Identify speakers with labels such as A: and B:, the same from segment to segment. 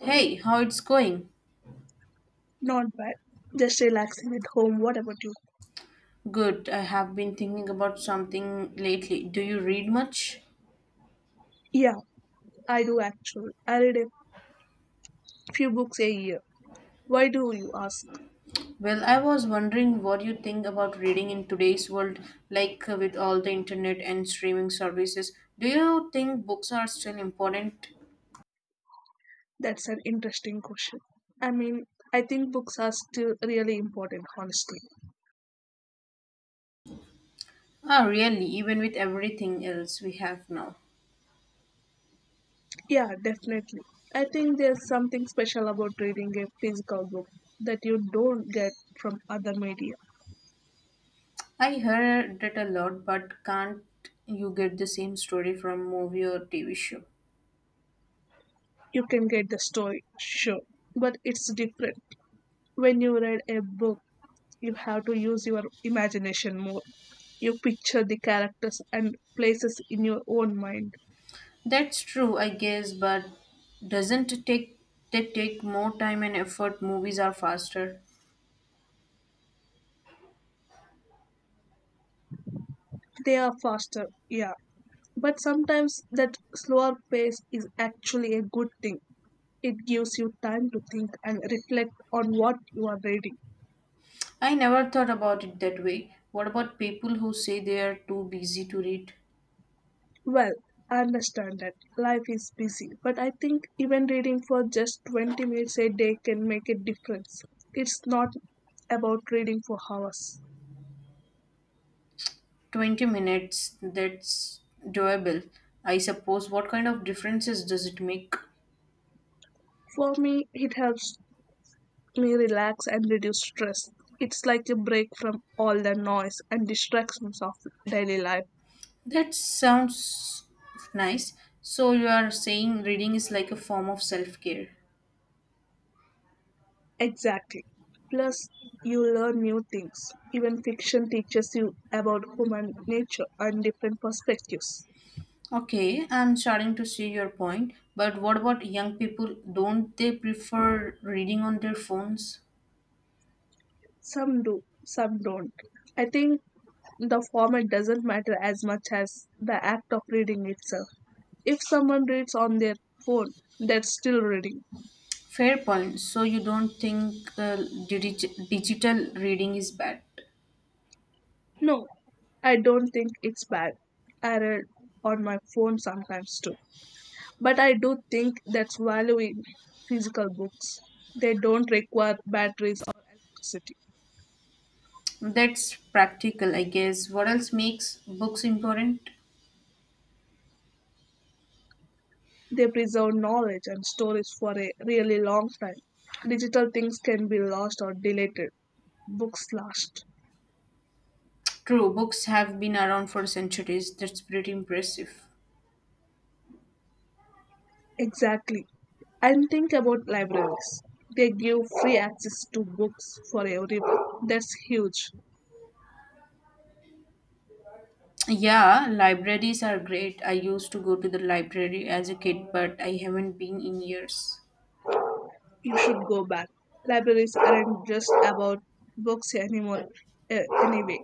A: Hey, how it's going?
B: Not bad. Just relaxing at home. What about you?
A: Good. I have been thinking about something lately. Do you read much?
B: Yeah, I do actually. I read a few books a year. Why do you ask?
A: Well, I was wondering what you think about reading in today's world, with all the internet and streaming services. Do you think books are still important?
B: That's an interesting question. I mean, I think books are still really important, honestly.
A: Ah, really, even with everything else we have now.
B: Yeah, definitely. I think there's something special about reading a physical book that you don't get from other media.
A: I heard it a lot, but can't you get the same story from movie or TV show?
B: You can get the story, sure, but it's different when you read a book you have to use your imagination more. You picture the characters and places in your own mind.
A: That's true, I guess, but doesn't it take more time and effort? Movies are faster.
B: They are faster, yeah. But sometimes that slower pace is actually a good thing. It gives you time to think and reflect on what you are reading.
A: I never thought about it that way. What about people who say they are too busy to read?
B: Well, I understand that life is busy, but I think even reading for just 20 minutes a day can make a difference. It's not about reading for hours.
A: 20 minutes, that's doable. I suppose what kind of differences does it make?
B: For me, it helps me relax and reduce stress. It's like a break from all the noise and distractions of daily life.
A: That sounds nice. So you are saying reading is like a form of self-care.
B: Exactly. Plus, you learn new things. Even fiction teaches you about human nature and different perspectives.
A: Okay, I'm starting to see your point. But what about young people? Don't they prefer reading on their phones?
B: Some do, some don't. I think the format doesn't matter as much as the act of reading itself. If someone reads on their phone, that's still reading.
A: Fair point. So you don't think digital reading is bad?
B: No, I don't think it's bad. I read on my phone sometimes too. But I do think that's valuing physical books. They don't require batteries or electricity.
A: That's practical, I guess. What else makes books important?
B: They preserve knowledge and stories for a really long time. Digital things can be lost or deleted. Books last.
A: True, books have been around for centuries. That's pretty impressive.
B: Exactly. And think about libraries. They give free access to books for everyone. That's huge.
A: Yeah, libraries are great. I used to go to the library as a kid, but I haven't been in years.
B: You should go back. Libraries aren't just about books anymore, anyway.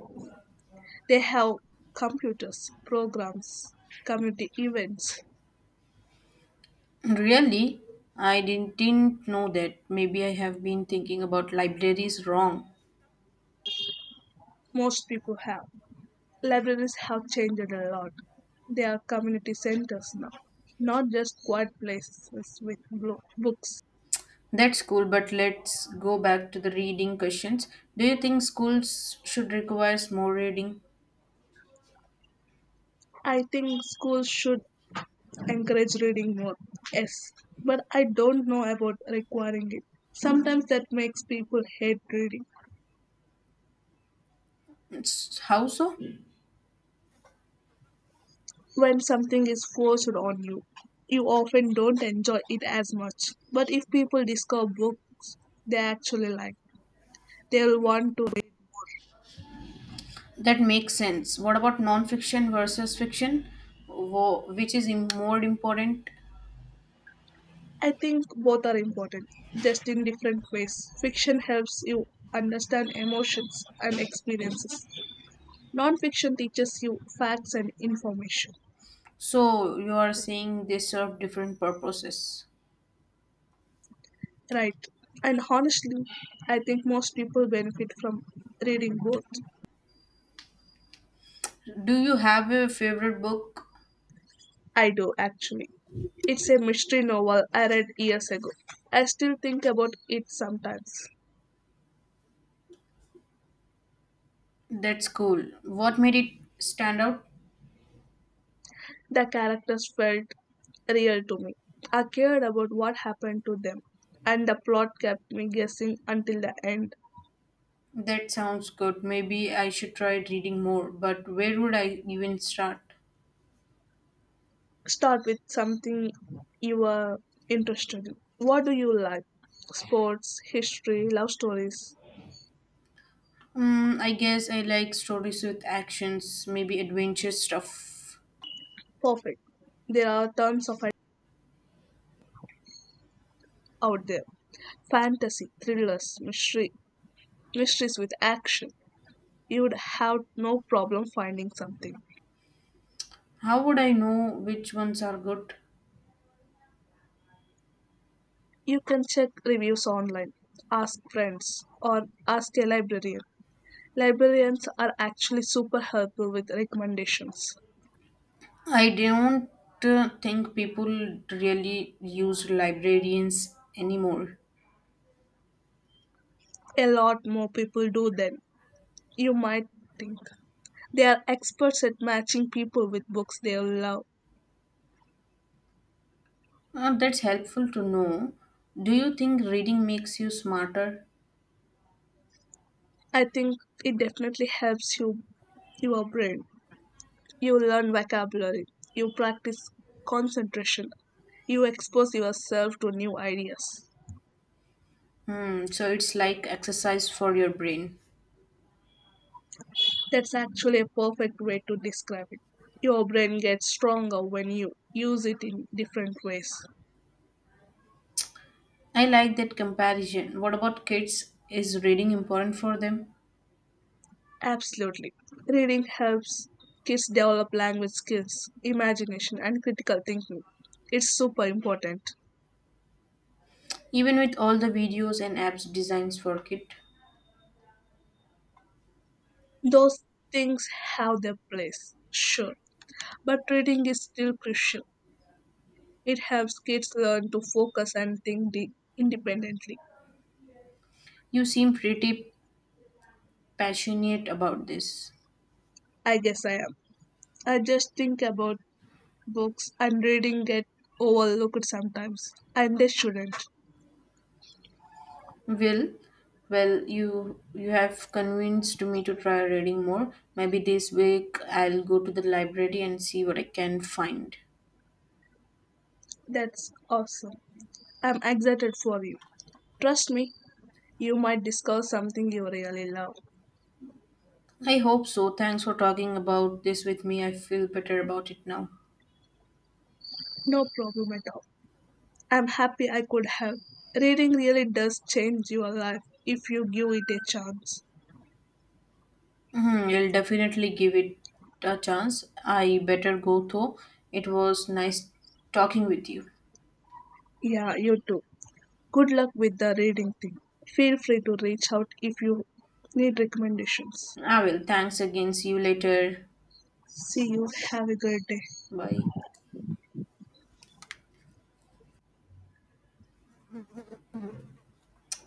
B: They have computers, programs, community events.
A: Really? I didn't know that. Maybe I have been thinking about libraries wrong.
B: Most people have. Libraries have changed a lot. They are community centers now, not just quiet places with books.
A: That's cool, but let's go back to the reading questions. Do you think schools should require more reading?
B: I think schools should encourage reading more, yes, but I don't know about requiring it. Sometimes that makes people hate reading.
A: How so?
B: When something is forced on you, you often don't enjoy it as much. But if people discover book they actually like, they'll want to read.
A: That makes sense. What about non-fiction versus fiction? Which is more important?
B: I think both are important, just in different ways. Fiction helps you understand emotions and experiences. Non-fiction teaches you facts and information.
A: So you are saying they serve different purposes.
B: Right. And honestly, I think most people benefit from reading both.
A: Do you have a favorite book?
B: I do actually. It's a mystery novel I read years ago. I still think about it sometimes.
A: That's cool. What made it stand out?
B: The characters felt real to me. I cared about what happened to them, and the plot kept me guessing until the end.
A: That sounds good. Maybe I should try reading more, but where would I even start?
B: Start with something you are interested in. What do you like? Sports, history, love stories.
A: Mm, I guess I like stories with actions, maybe adventure stuff.
B: Perfect. There are tons of it out there. Fantasy, thrillers, mystery, mysteries with action. You'd have no problem finding something.
A: How would I know which ones are good?
B: You can check reviews online, ask friends, or ask a librarian. Librarians are actually super helpful with recommendations.
A: I don't think people really use librarians anymore.
B: A lot more people do than you might think. They are experts at matching people with books they love.
A: That's helpful to know. Do you think reading makes you smarter?
B: I think it definitely helps you your brain. You learn vocabulary, you practice concentration, you expose yourself to new ideas.
A: Hmm, so it's like exercise for your brain.
B: That's actually a perfect way to describe it. Your brain gets stronger when you use it in different ways.
A: I like that comparison. What about kids? Is reading important for them?
B: Absolutely. Reading helps kids develop language skills, imagination, and critical thinking. It's super important.
A: Even with all the videos and apps designs for kids,
B: Those things have their place, sure, but reading is still crucial. It helps kids learn to focus and think independently.
A: you seem pretty passionate about this.
B: I guess I am. I just think about books I'm reading get overlooked sometimes, and they shouldn't.
A: Will, well, you have convinced me to try reading more. Maybe this week I'll go to the library and see what I can find.
B: That's awesome. I'm excited for you. Trust me, you might discover something you really love.
A: I hope so. Thanks for talking about this with me. I feel better about it now.
B: No problem at all. I'm happy I could help. Reading really does change your life if you give it a chance.
A: Mhm, I'll definitely give it a chance. I better go though. It was nice talking with you.
B: Yeah, you too. Good luck with the reading thing. Feel free to reach out if you need recommendations.
A: I will. Thanks again. See you later.
B: See you. Have a great day.
A: Bye.